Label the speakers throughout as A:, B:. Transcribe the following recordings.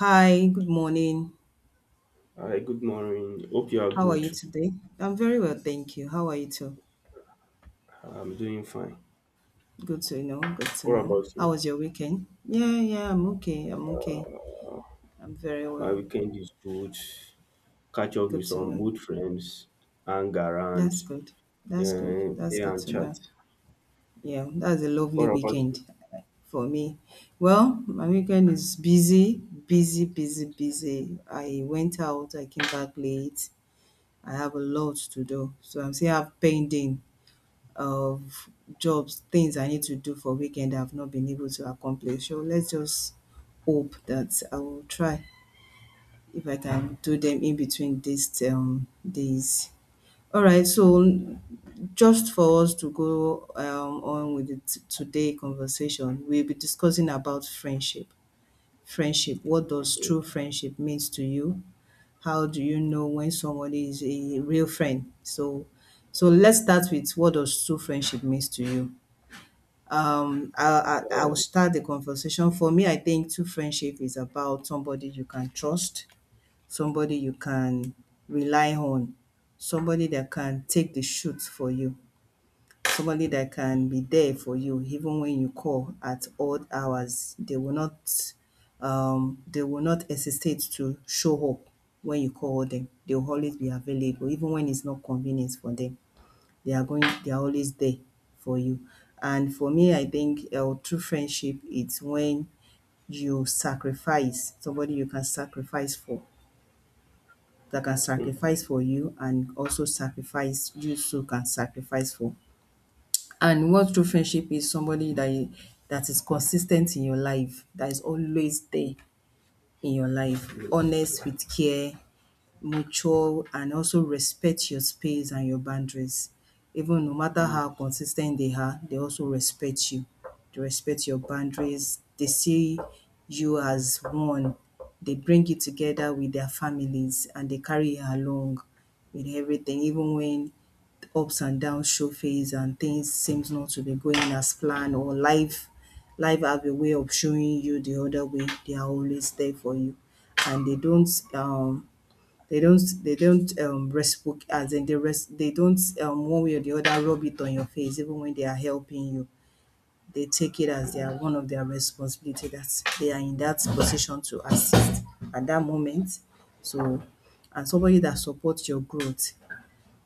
A: Hi, good morning.
B: Hi, good morning. Hope you are
A: How are
B: good.
A: you today? I'm very well, thank you. How are you too?
B: I'm doing fine.
A: Good to know. Good to
B: What
A: know.
B: about
A: How
B: you?
A: was your weekend? Yeah, yeah, I'm okay. I'm okay. I'm very
B: My
A: well.
B: weekend is good. Catch up with
A: Good to
B: some
A: know.
B: good friends, hang
A: That's
B: around,
A: good. That's good.
B: then
A: That's
B: play
A: good
B: and
A: to
B: chat.
A: know. Yeah, that's a lovely
B: What about you?
A: weekend for me. Well, my weekend is busy, busy, busy, busy. I went out, I came back late. I have a lot to do. So I'm still have pending of jobs, things I need to do for weekend I've not been able to accomplish. So let's just hope that I will try if I can do them in between these days. All right, so just for us to go on with the today conversation, we'll be discussing about friendship. Friendship. What does true friendship means to you? How do you know when somebody is a real friend? So, let's start with what does true friendship means to you. I
B: Uh,
A: will start the conversation. For me, I think true friendship is about somebody you can trust, somebody you can rely on, somebody that can take the shoot for you, somebody that can be there for you even when you call at odd hours. They will not hesitate to show up when you call them. They will always be available even when it's not convenient for them they are going they are always there for you. And for me, I think true friendship it's when you sacrifice somebody you can sacrifice for that can
B: hmm,
A: sacrifice for you and also sacrifice you too can sacrifice for. And what true friendship is somebody that you, that is consistent in your life, that is always there in your life,
B: yes,
A: honest
B: yes,
A: with care, mature and also respect your space and your boundaries. Even no matter how
B: yes,
A: consistent they are, they also respect you. They respect your boundaries. They see you as one. They bring you together with their families and they carry you along with everything, even when ups and downs show face and things seems not to be going as planned or life have a way of showing you the other way. They are always there for you and they don't reciproc as in they don't one way or the other rub it on your face even when they are helping you. They take it as their one of their responsibility that they are in that position to assist at that moment. So and somebody that supports your growth,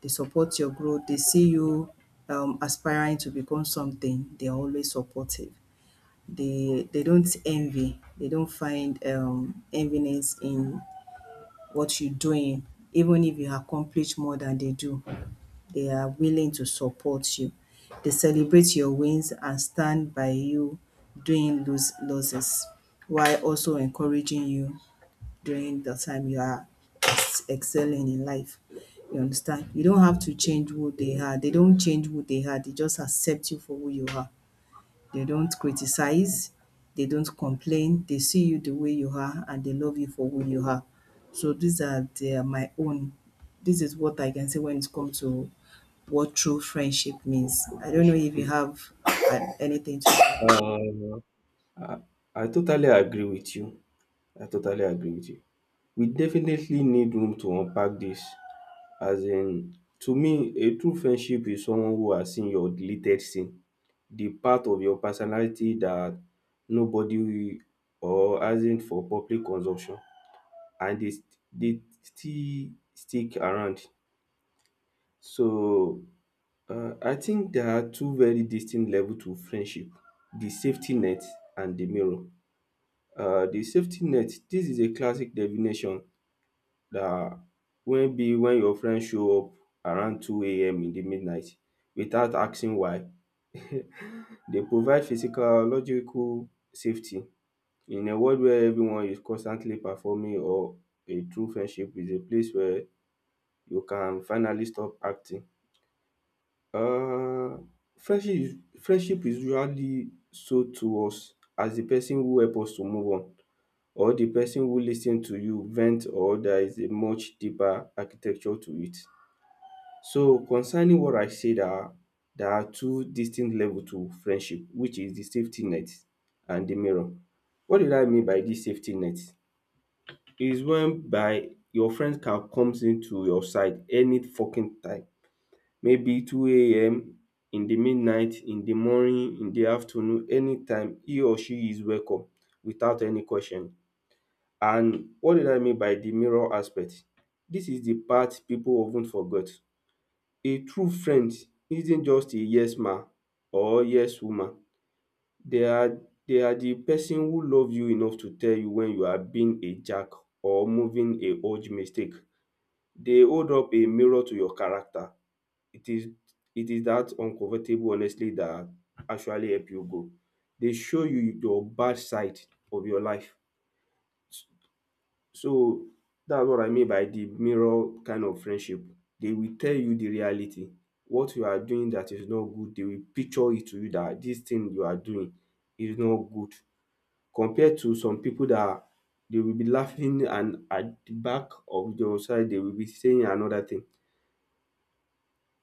A: they support your growth, they see you aspiring to become something, they are always supportive. They don't envy, they don't find enviness in what you're doing, even if you accomplish more than they do, they are willing to support you. They celebrate your wins and stand by you during lose losses, while also encouraging you during the time you are excelling in life. You understand? You don't have to change who they
B: yes,
A: are. They
B: yes.
A: don't change who they are. They just accept you for who you are. They don't criticize, they don't complain, they see you the way you are and they love you for who you are. So these are their my own. This is what I can say when it comes to what true friendship means. I
B: Yes,
A: don't know if you
B: yes.
A: have anything to add.
B: Uh, I, I totally agree with you. I totally agree with you. We definitely need room to unpack this. As in, to me a true friendship is someone who has seen your deleted scene, the part of your personality that nobody will or hasn't for public consumption, and they still stick around. So, I think there are two very distinct level to friendship, the safety net and the mirror. The safety net, dis is a classic definition, na, maybe when your friend show up around 2 a.m. in the midnight without asking why. Dey provide physical logical safety in a world where everyone is constantly performing, or a true friendship is a place where you can finally stop acting. um friendship is usually sold to us as the person who help us to move on, or the person who lis ten to you vent, or there is a much deeper architecture to it. So, concerning what I said, are there are two distinct level to friendship, which is the safety net and the mirror. What did I mean by this safety net? Is when by your friend can comes into your side any fucking time, maybe two a.m. in the midnight, in the morning, in the afternoon, anytime he or she is welcome without any question. And what did I mean by the mirror aspect? This is the part people often ten forget. A true friend isn't just a yes man or yes woman. They are they are the person who love you enough to tell you when you are being a jack or moving a huge mistake. They hold up a mirror to your character. It is it is that uncomfortable honestly that actually help you grow. They show you your bad side of your life. So that's what I mean by the mirror kind of friendship. They will tell you the reality. What you are doing that is not good, they will picture it to you, that this thing you are doing is not good. Compared to some people they will be laughing, and at the back of your side they will be saying another thing.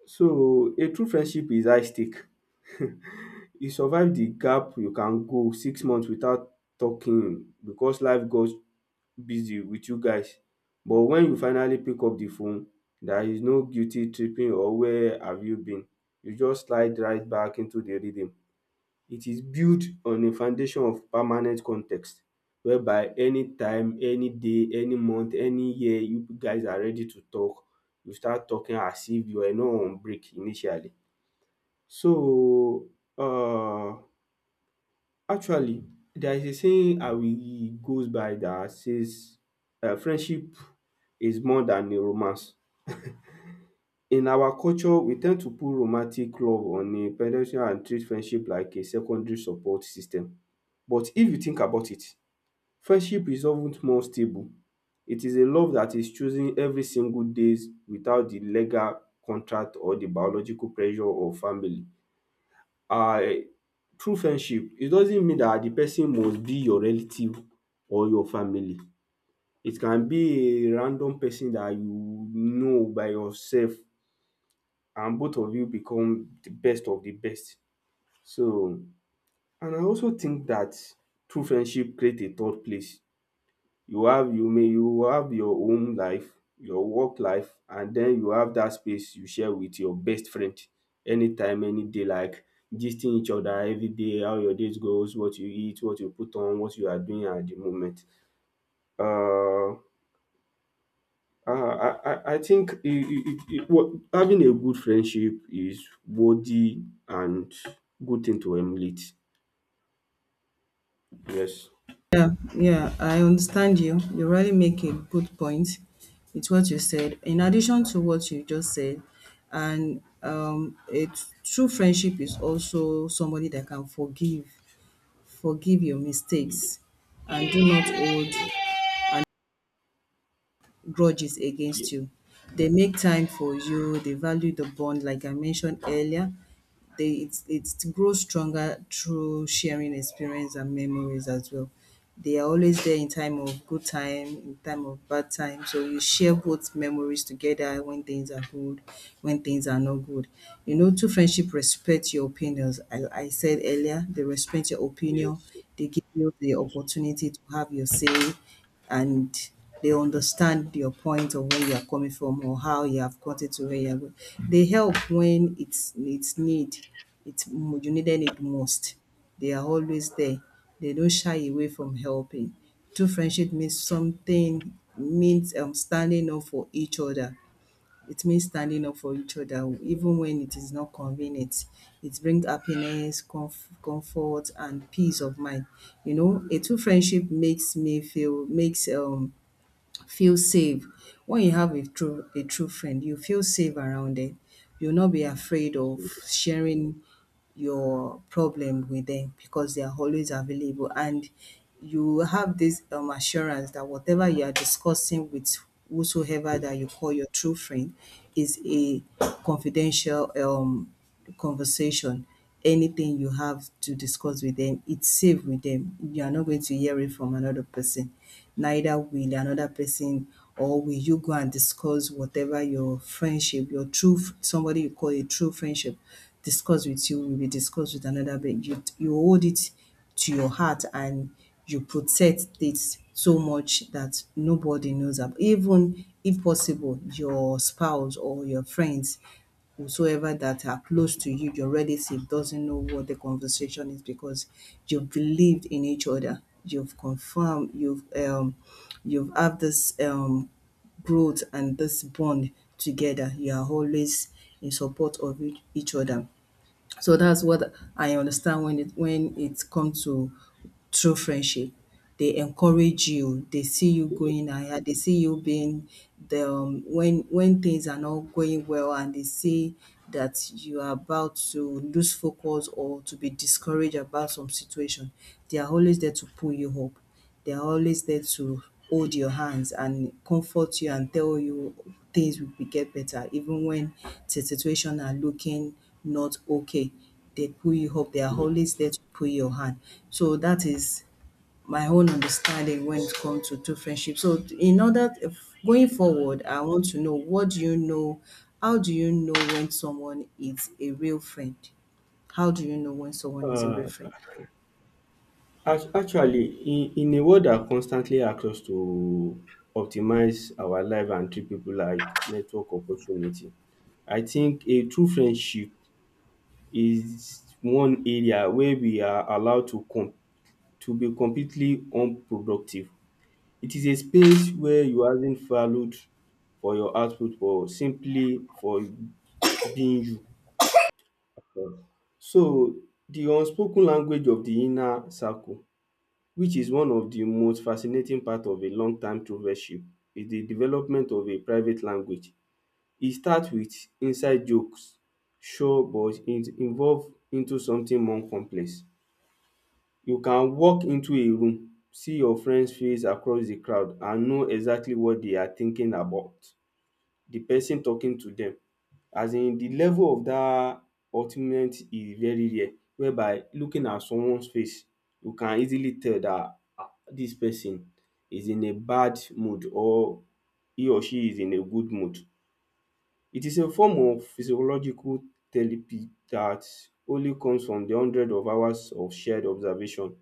B: So a true friendship is high stake. You survive the gap. You can go 6 months without talking because life got busy with you guys, but when you finally pick up the phone, there is no guilty tripping or where have you been. You just slide right back into the rhythm. It is built on a foundation of permanent context, whereby anytime, any day, any month, any year you guys are ready to talk, you start talking as if you were not on break initially. So, um actually, there is a saying I will goes by that says friendship is more than a romance. In our culture, we tend to put romantic love on a pedestal and treat friendship like a secondary support system. But if you think about it, friendship is of ten more stable. It is a love that is chosen every single days without the legal contract or the biological pressure of family. Uh, true friendship, it doesn't mean that the person must be your relative or your family. It can be a random person that you know by yourself and both of you become the best of the best. So, and I also think that true friendship creates a third place. You have, you may, you have your home life, your work life, and then you have that space you share with your best friend anytime, any day, like gisting each other everyday how your days goes, what you eat, what you put on, what you are doing at the moment. Uh, I think it what having a good friendship is worthy and good thing to emulate. Yes.
A: Yeah, yeah, I understand you. You really make a good point with what you said. In addition to what you just said, and a true friendship is also somebody that can forgive Forgive your
B: Ye-
A: mistakes, and do
B: Yes.
A: not hold
B: Yes.
A: grudges against you. They make time for you, they value the bond, like I mentioned earlier. They it's grows stronger through sharing experience and memories as well. They are always there in time of good time, in time of bad time. So you share both memories together when things are good, when things are not good. You know, two friendship respect your opinions. I said earlier, they respect your opinion.
B: Yes.
A: They give you the
B: Yes.
A: opportunity to have your say and they understand your point of where you are coming from or how you have gotten to where you are going. They help when it's need, you needed it most. They are always there. They don't shy away from helping. True friendship means something means standing up for each other it means standing up for each other even when it is not convenient. It brings happiness, comfort and peace of mind. You know, a true friendship makes me feel makes feel safe. When you have a true friend, you feel safe around it. You'll not be afraid of sharing your problem with them because they are always available and you have this assurance that whatever you are discussing with whosoever that you call your true friend is a confidential conversation. Anything you have to discuss with them, it's safe with them. You are not going to hear it from another person neither will another person or will you go and discuss whatever your friendship, your somebody you call a true friendship discuss with you will be discussed with another but you hold it to your heart and you protect it so much that nobody knows about even if possible your spouse or your friends whosoever that are close to you, your relative doesn't know what the conversation is because you've believed in each other. You've confirmed, you've have this growth and this bond together. You are always in support of each other. So that's what I understand when it comes to true friendship. They encourage you. They see you
B: Yes.
A: going higher. They see you being the when things are not going well, and they see that you are about to lose focus or to be discouraged about some situation. They are always there to pull you up. They are always there to hold your hands and comfort you and tell you things will be get better even when the situation are looking not okay. They pull you up. They are
B: Yes.
A: always there to pull your hand. So that is my own understanding when it comes to true friendship. So in order if going forward, I want to know what do you know? How do you know when someone is a real friend? How do you know when someone is a
B: Uh,
A: real friend?
B: Actually, in a world that constantly asks us to optimize our life and treat people like network opportunity, I think a true friendship is one area where we are allowed to be completely unproductive. It is a space where you aren't valued for your output but simply for being you. So, the unspoken language of the inner circle, which is one of the most fascinating part of a long time provership, is the development of a private language. E start with inside jokes, sure, but it involve into something more complex. You can walk into a room, see your friend's face across the crowd, and know exactly what they are thinking about the person talking to them. As in the level of that ultimate is very rare, whereby looking at someone's face, you can easily tell that this person is in a bad mood or he or she is in a good mood. It is a form of physiological therapy that only comes from the 100 of hours of shared observation.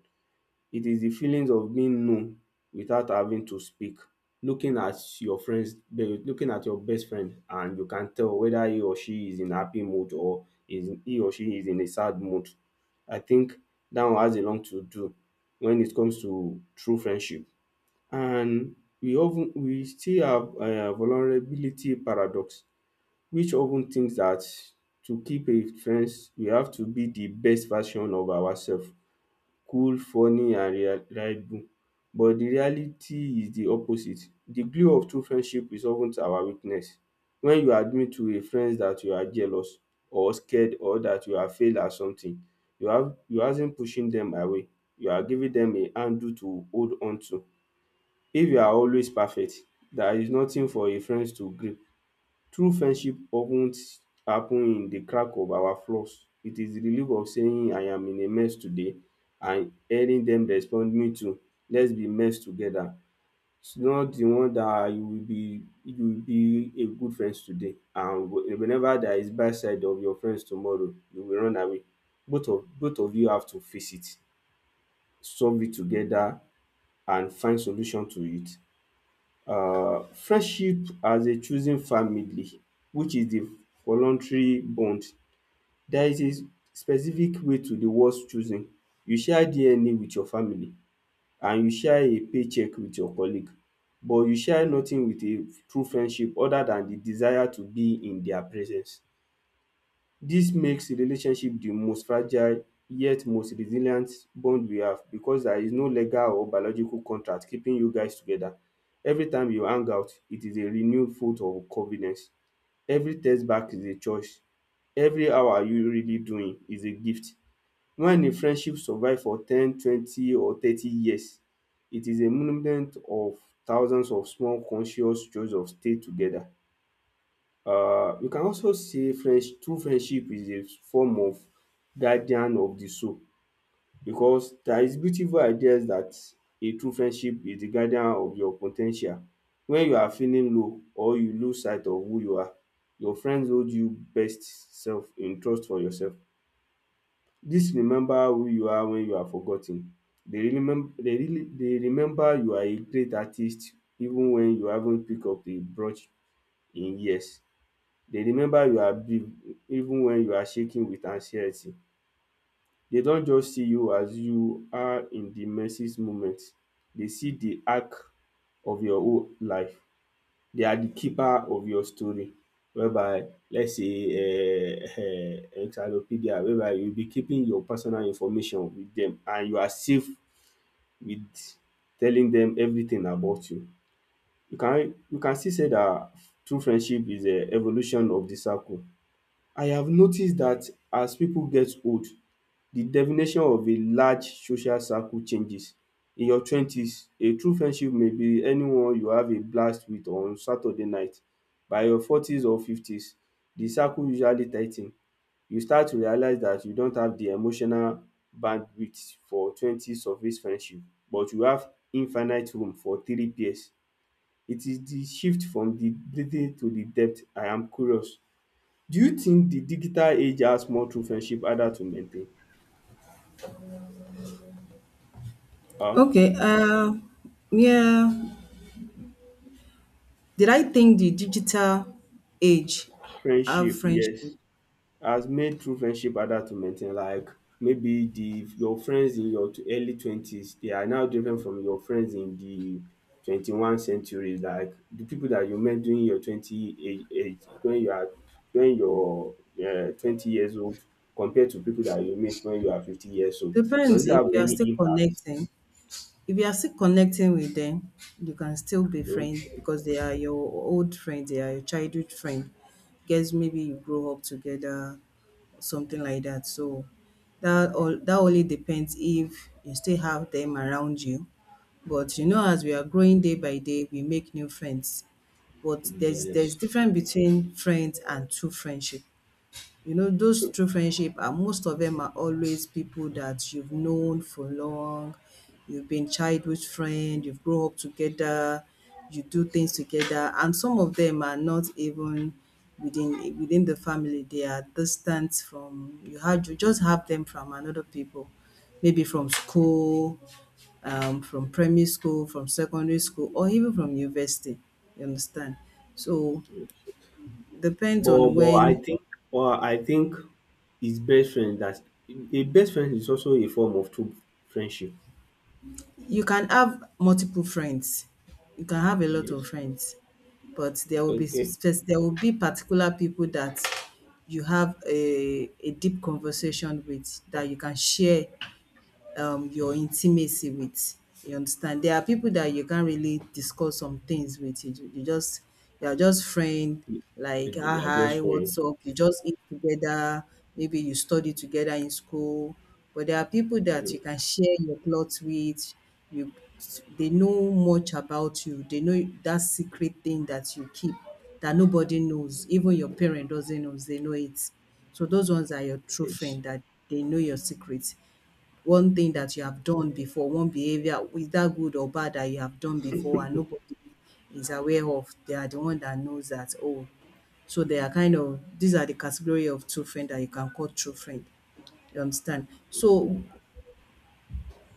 B: It is the feelings of being known without having to speak. Looking at your friends, looking at your best friend, and you can tell whether he or she is in happy mood or is he or she is in a sad mood. I think that one has a lot to do when it comes to true friendship. And we still have a vulnerability paradox, which often thinks that to keep a friends, we have to be the best version of ourselves, cool, funny and reliable, but the reality is the opposite. The glue of true friendship is of ten to our weakness. When you admit to a friend that you are jealous or scared or that you have failed at something, you aren't pushing them away, you are giving them a handle to hold on to. If you are always perfect, there is nothing for a friend to grip. True friendship of ten happen in the crack of our flaws. It is the relief of saying I am in a mess today and hearing dem respond me too, let's be mess together. It's not the one that you will be a good friends today, and whenever there is bad side of your friends tomorrow, you will run away. Both of you have to face it, solve it together and find solution to it. Friendship as a chosen family, which is the voluntary bond. There is a specific way to the words choosing. You share DNA with your family and you share a paycheck with your colleague, but you share nothing with a true friendship other than the desire to be in their presence. Dis makes relationship the most fragile yet most resilient bond we have, because there is no legal or biological contract keeping you guys together. Every time you hang out, it is a renewed vote of covenant. Every text back is a choice. Every how are you really doing is a gift. When a friendship survive for 10, 20 or 30 years, it is a monument of thousands of small conscious choice of stay together. You can also say friends true friendship is a form of guardian of the soul, because there is beautiful ideas that a true friendship is the guardian of your po ten tial. When you are feeling low or you lose sight of who you are, your friends hold you best self in trust for yourself. Dis remember who you are when you are for ten. Dey remember you are a great artist even when you haven't pick up a brush in years. Dey remember you are big even when you are shaking with anxiety. Dey don just see you as you are in the message moment. Dey see the arc of your own life. They are the keeper of your story, whereby let's say encyclopedia, whereby you be keeping your personal information with dem and you are safe with telling dem everything about you. You can still say dat true friendship is evolution of the circle. I have noticed that as pipu get old, the definition of a large social circle changes. In your twenties, a true friendship may be anyone you have a blast with on Saturday night. By your forties or fifties, the circle usually tigh ten. You start to realize that you don't have the emotional bandwidth for 20 surface friendship, but you have infinite room for three peers. It is the shift from the breadth to the depth. I am curious, do you think the digital age has more true friendship harder to maintain? um
A: Okay, yeah. Did I think the digital age have
B: Friendship,
A: friendship?
B: yes, has made true friendship harder to maintain, like maybe the your friends in your early 20s, they are now different from your friends in the 21 century, like the people that you met during your 20 age, when your 20 years old, compared to people that you meet when you are 50 years old. Does
A: Depends
B: it
A: if
B: have
A: you are
B: any
A: still
B: impact?
A: connecting. If you are still connecting with them, you can still be
B: um
A: friends because they are your old friends, they are your childhood friend. Guess maybe you grow up together or something like that. So that all that only depends if you still have them around you. But you know, as we are growing day by day, we make new friends. But there's
B: Yes.
A: difference between friends and true friendship. You know, those true friendship are most of them are always people that you've known for long, you've been childhood friend, you've grown up together, you do things together, and some of them are not even within the family. They are distant from you had you just have them from another people, maybe from school, from primary school, from secondary school, or even from university. You understand? So depends
B: But
A: on
B: but I
A: when
B: think but I think his best friend that a best friend is also a form of true friendship.
A: You can have multiple friends. You can have a lot
B: Yes.
A: of friends, but there will be
B: Okay.
A: there will be particular people that you have a deep conversation with that you can share your intimacy with. You understand? There are people that you can't really discuss some things with. You just you are just friend,
B: They
A: like ah
B: are just
A: hi, what's
B: friends.
A: up? You just eat together. Maybe you study together in school. But there are people that you can share your plots with. You they know much about you. They know that secret thing that you keep that nobody knows. Even your parent doesn't know. They know it. So those ones are your true
B: Yes.
A: friend that they know your secret one thing that you have done before, one behavior, whether good or bad that you have done before and nobody is aware of. They are the one that knows that, oh, so they are kind of these are the category of true friend that you can call true friend. You understand? So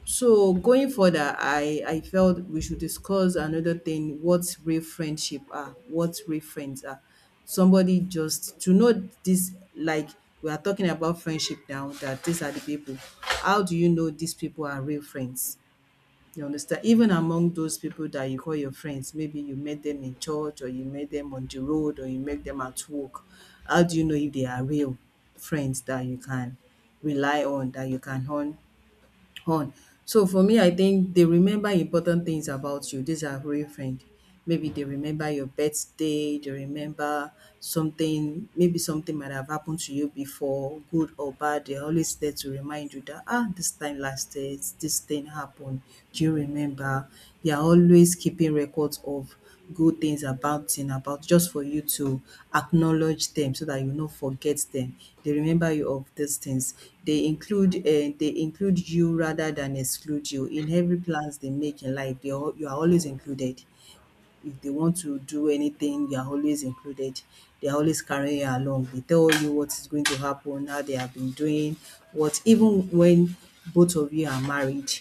A: so going further, I felt we should discuss another thing, what real friendship are, what real friends are. Somebody just to know this, like we are talking about friendship now, that these are the people. How do you know these people are real friends? You understand? Even among those people that you call your friends, maybe you met them in church or you met them on the road or you met them at work. How do you know if they are real friends that you can rely on, that you can hon- on. So for me, I think they remember important things about you. These are real friend. Maybe they remember your birthday, they remember something, maybe something might have happened to you before, good or bad. They're always there to remind you that, ah, this time last year, this thing happened. Do you remember? They are always keeping records of good things about thing about just for you to acknowledge them so that you no forget them. They remember you of these things. They include you rather than exclude you. In every plans they make in life, they al you are always included. If they want to do anything, you are always included. They are always carrying you along. They tell you what is going to happen, how they have been doing, what even when both of you are married,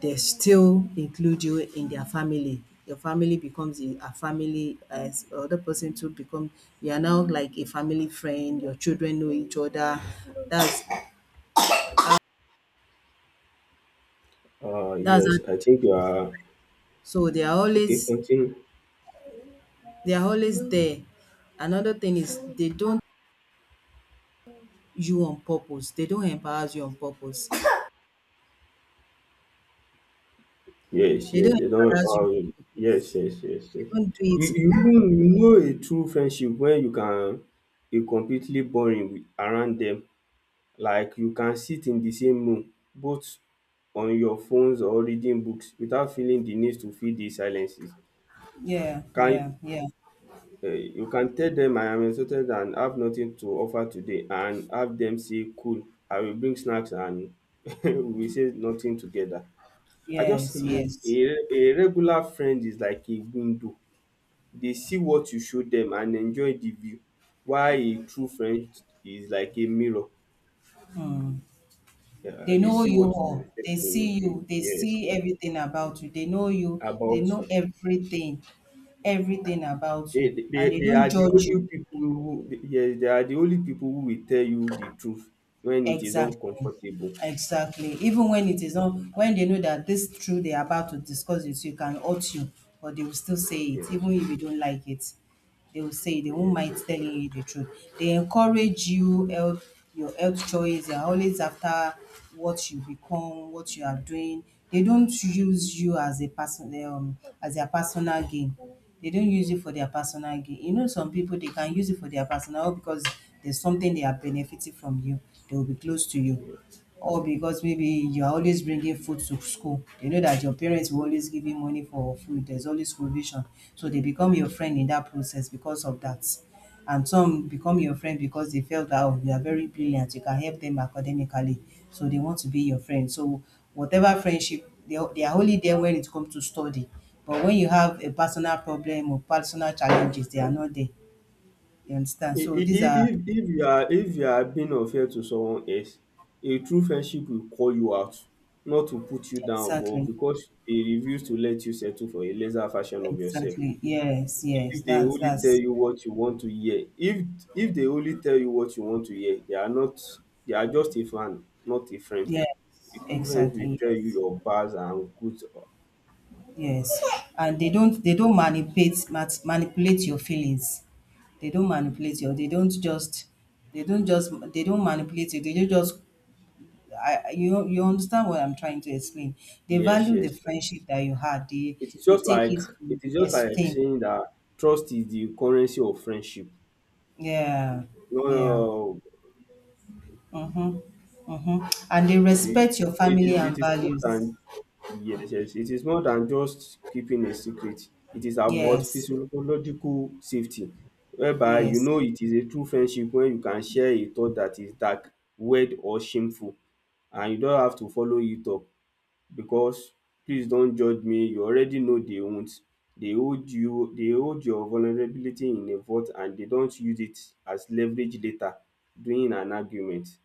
A: they still include you in their family. Your family becomes a family as other person to become you are now like a family friend, your children know each other. That's that's how-
B: Yes, I think you are
A: so
B: okay, continue.
A: they are always there. Another thing is they don't you on purpose. They don't embarrass you on purpose.
B: Yes,
A: They
B: yes,
A: don't
B: they don't
A: embarrass you.
B: empower you.
A: They
B: Yes, yes, yes, yes.
A: don't do it.
B: You even, you know a true friendship when you can be completely boring around them, like you can sit in the same room, both on your phones or reading books, without feeling the need to fill the silences.
A: Yeah, yeah,
B: Can
A: yeah.
B: you can tell them, "I am exhausted and have nothing to offer today," and have them say, "Cool, I will bring snacks, and we will say nothing together." I just
A: Yes,
B: see
A: yes.
B: a regular friend is like a window. They see what you show them and enjoy the view. While a true friend is like a mirror.
A: Hmm.
B: Yeah,
A: They
B: they
A: know
B: see
A: you
B: what you
A: all.
B: reflect
A: They
B: in
A: see you.
B: you.
A: They
B: Yes.
A: see everything about you. They know you. They
B: About
A: know
B: you.
A: everything, everything about
B: They
A: you,
B: they
A: and they
B: they
A: don't
B: are the
A: judge you.
B: only people who, yes, they are the only people who will tell you the truth when it is
A: Exactly,
B: uncomfortable.
A: exactly. Even when it is not, when they know that this truth they are about to discuss with you can hurt you, but they will still say it,
B: Yes.
A: even if you don't like it. They will say they won't
B: Yes,
A: mind
B: yes,
A: telling you the truth. They encourage you health your health choice. They are always after what you become, what you are doing. They don't use you as a person as their personal gain. They don't use you for their personal gain. You know, some people they can use it for their personal because there's something they are benefiting from you. They will be close to you
B: yes.
A: or because maybe you're always bringing food to school. They know that your parents will always give you money for food. There's always provision. So they become your friend in that process because of that. And some become your friend because they felt that oh, you are very brilliant, you can help them academically. So they want to be your friend. So whatever friendship, they are only there when it comes to study. But when you have a personal problem or personal challenges, they are not there. You understand? So these
B: I-
A: are
B: If you are being unfair to someone else, a true friendship will call you out, not to put you down, but
A: exactly,
B: because they refuse to let you settle for a lesser version of yourself.
A: exactly. Yes, yes.
B: If they only tell
A: That's
B: you what you want to hear, if they only tell you what you want to hear, they are not, they are just a fan, not a friend.
A: Yes,
B: Influence will
A: exactly.
B: tell you
A: Yes,
B: your bads and goods.
A: yes, and they don't manipulate your feelings. They don't manipulate you. They don't manipulate you. They don't just you you understand what I'm trying to explain. They
B: Yes,
A: value the
B: yes, yes.
A: friendship that you had.
B: It is
A: They
B: just
A: take
B: like
A: it
B: it
A: to
B: is
A: the
B: just like
A: extreme.
B: saying that trust is the currency of friendship.
A: Yeah,
B: No,
A: yeah.
B: no,
A: Mm-hmm, mm-hmm. And they
B: it is
A: respect your
B: it is
A: family
B: it
A: and
B: is more
A: values.
B: than, yes, yes, it is more than just keeping a secret. It is about
A: Yes,
B: physiological safety, whereby you
A: yes.
B: know it is a true friendship when you can share a thought that is dark, weird, or shameful, and you don't have to follow it up, because, "Please don't judge me." You already know they won't. They hold your vulnerability in a vault, and they don't use it as leverage later during an argument.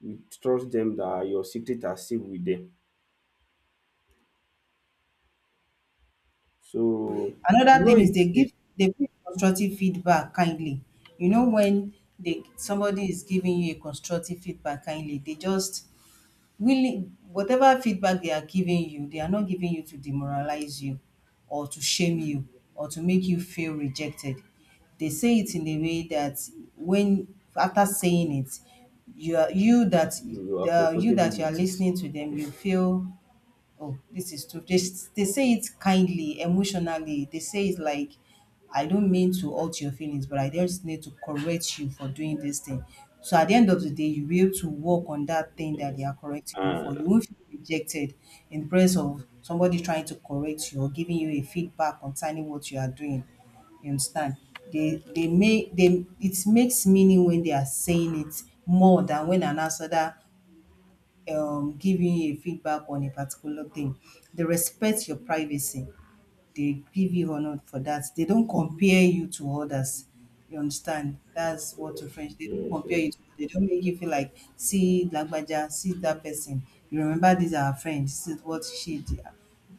B: You trust them that your secret are safe with them. So you
A: Another
B: know
A: thing is
B: it is a
A: they give constructive feedback kindly. You know when they somebody is giving you a constructive feedback kindly, they just really whatever feedback they are giving you, they are not giving you to demoralize you or to shame you or to make you feel rejected. They say it in a way that when after saying it, you are you that
B: you are
A: you
B: comfortable
A: that you are
B: with it.
A: listening to them, you feel oh, this is too. They say it kindly, emotionally. They say it like, I don't mean to hurt your feelings, but I just need to correct you for doing this thing. So at the end of the day, you'll be able to work on that thing that they
B: Yes.
A: are correcting you
B: And
A: for. You won't feel rejected in the presence of somebody trying to correct you or giving you a feedback concerning what you are doing. You understand? They make they it makes meaning when they are saying it more than when an outsider giving you a feedback on a particular thing. They respect your privacy. They give you honor for that. They don't compare you to others. You understand? That's what to French. They don't
B: yes,
A: compare
B: yes,
A: you to they don't make you feel like see Lagbaja, see that person. You remember these are our friends, this is what she did.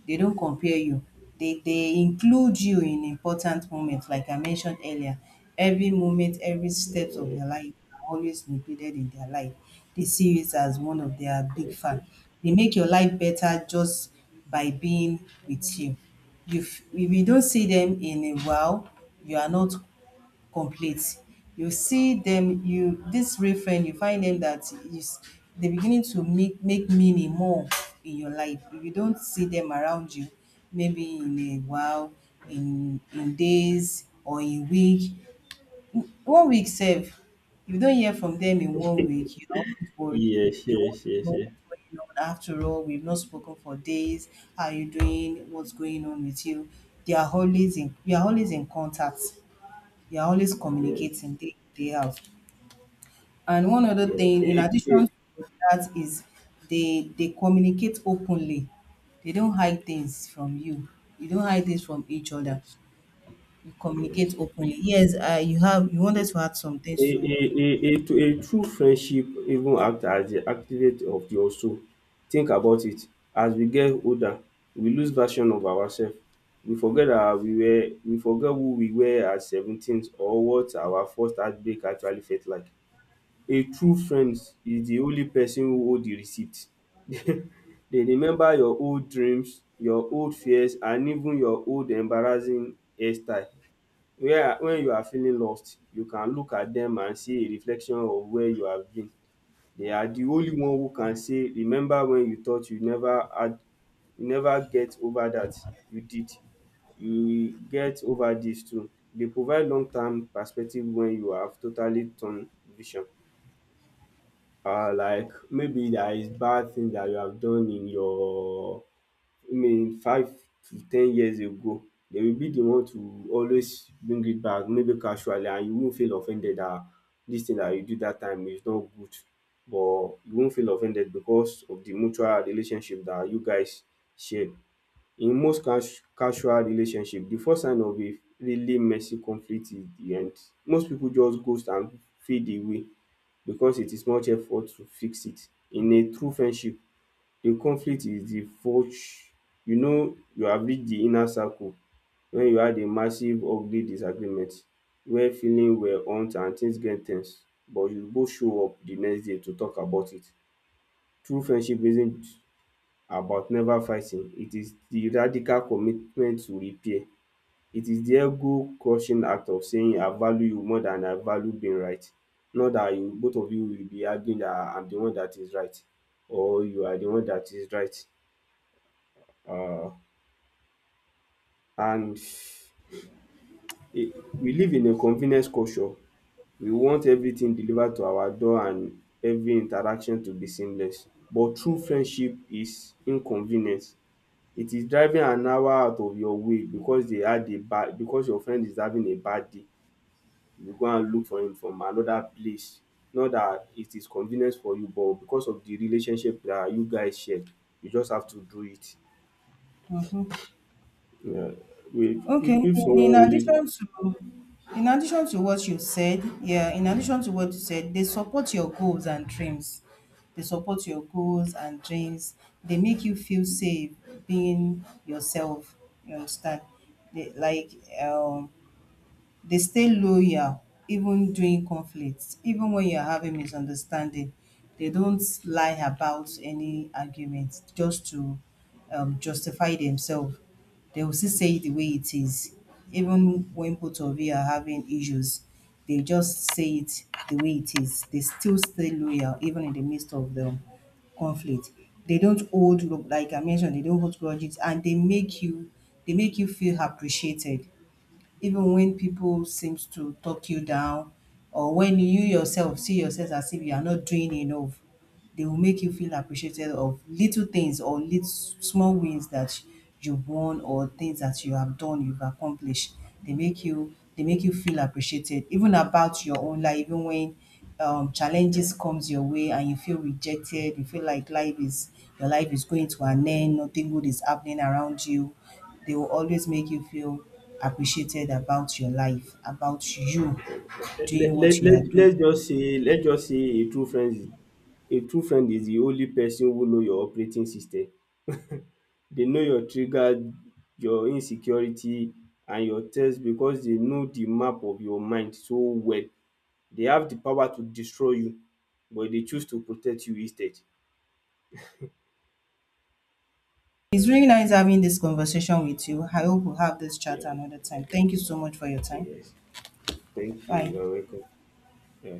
A: They don't compare you. They include you in important moments, like I mentioned earlier. Every moment, every steps of their life are always included in their life. They see you as one of their big fan. They make your life better just by being with you. If you don't see them in a while, you are not complete. You see them, you this real friend, you find them that is they beginning to make make meaning more in your life. If you don't see them around you, maybe in a while, in days or in week, one week sef, if you don hear from dem in one week, you are always worried.
B: yes,
A: You
B: yes,
A: want to
B: yes,
A: know what's going on. After all, we've not spoken for days. How are you doing? What's going on with you? They are always in you are always in contact. You are always
B: yes,
A: communicating day in, day out. And one other
B: yes,
A: thing in
B: yes, yes, yes,
A: addition to that is they communicate openly. They don't hide things from you. You don't hide things from each other.
B: yes,
A: You
B: yes.
A: communicate openly. Yes, you have you wanted to add some
B: A
A: things
B: a
A: to
B: a a to a true friendship even act as the activate of your soul. Think about it, as we get older we lose version of ourself. We forget who we were at 17, or what our first heartbreak actually felt like. A true friend is the only person who hold the receipt. They remember your old dreams, your old fears, and even your old embarrassing hairstyle, where when you are feeling lost you can look at them and see a reflection of where you have been. They are the only one who can say, "Remember when you thought you never had, you never get over that, you did. You will get over this too." Dey provide long term perspective when you have totally turn vision. Like maybe there is bad thing that you have done in your 5 to 10 years ago, they will be the one to always bring it back, maybe casually, and you won't feel offended that dis thing that you do dat time is not good, but you won't feel offended because of the mutual relationship that you guys share. In most casual relationship, the first sign of a really messy conflict is the end. Most people just ghost and fade away because it is much effort to fix it. In a true friendship, di conflict is di forge. You know you have reached di inner circle wen you had a massive ugly disagreement where feelings were hurt and things get ten se, but you both show up di next day to talk about it. True friendship isn't about never fighting, it is di radical commitment to repair. It is di ego crushing act of saying, "I value you more than I value being right," not dat you, both of you, will be arguing dat I am di one dat is right, or you are di one dat is right. um and it, we live in a convenience culture. We want everything delivered to our door and every interaction to be seamless, but true friendship is inconvenient. It is driving an hour out of your way because they had a bad because your friend is having a bad day, you go and look for him from another place. Not that it is convenient for you, but because of the relationship that you guys share, you just have to do it.
A: Mhm.
B: Yeah.
A: Okay.
B: If someone only
A: In addition to what you said, yeah, in addition to what you said, they support your goals and dreams. They support your goals and dreams. They make you feel safe being yourself. You understand? They, like um they stay loyal even during conflicts, even when you're having misunderstanding. They don't lie about any argument just to justify themselves. They will still say it the way it is. Even when both of you are having issues, they just say it the way it is. They still stay loyal even in the midst of the conflict. They don't hold, like I mentioned, they don't hold grudges and they make you feel appreciated even when people seems to talk you down or when you yourself see yourself as if you are not doing enough. They will make you feel appreciated of little things or little small wins that you've won or things that you have done, you've accomplished. They make you feel appreciated even about your own life, even when challenges comes your way and you feel rejected, you feel like life is your life is going to an end, nothing good is happening around you. They will always make you feel appreciated about your life, about you
B: let
A: doing
B: let
A: what you
B: let
A: are doing.
B: let's just say a true friend is, a true friend is the only person who know your operating system. They know your trigger, your insecurity and your thirst, because they know the map of your mind so well. They have the power to destroy you, but they choose to protect you instead.
A: It's really nice having this conversation with you. I hope we'll have this
B: Yeah,
A: chat another time. Thank you so much for your time.
B: yes. Thank you.
A: Bye.
B: You are welcome. Yeah.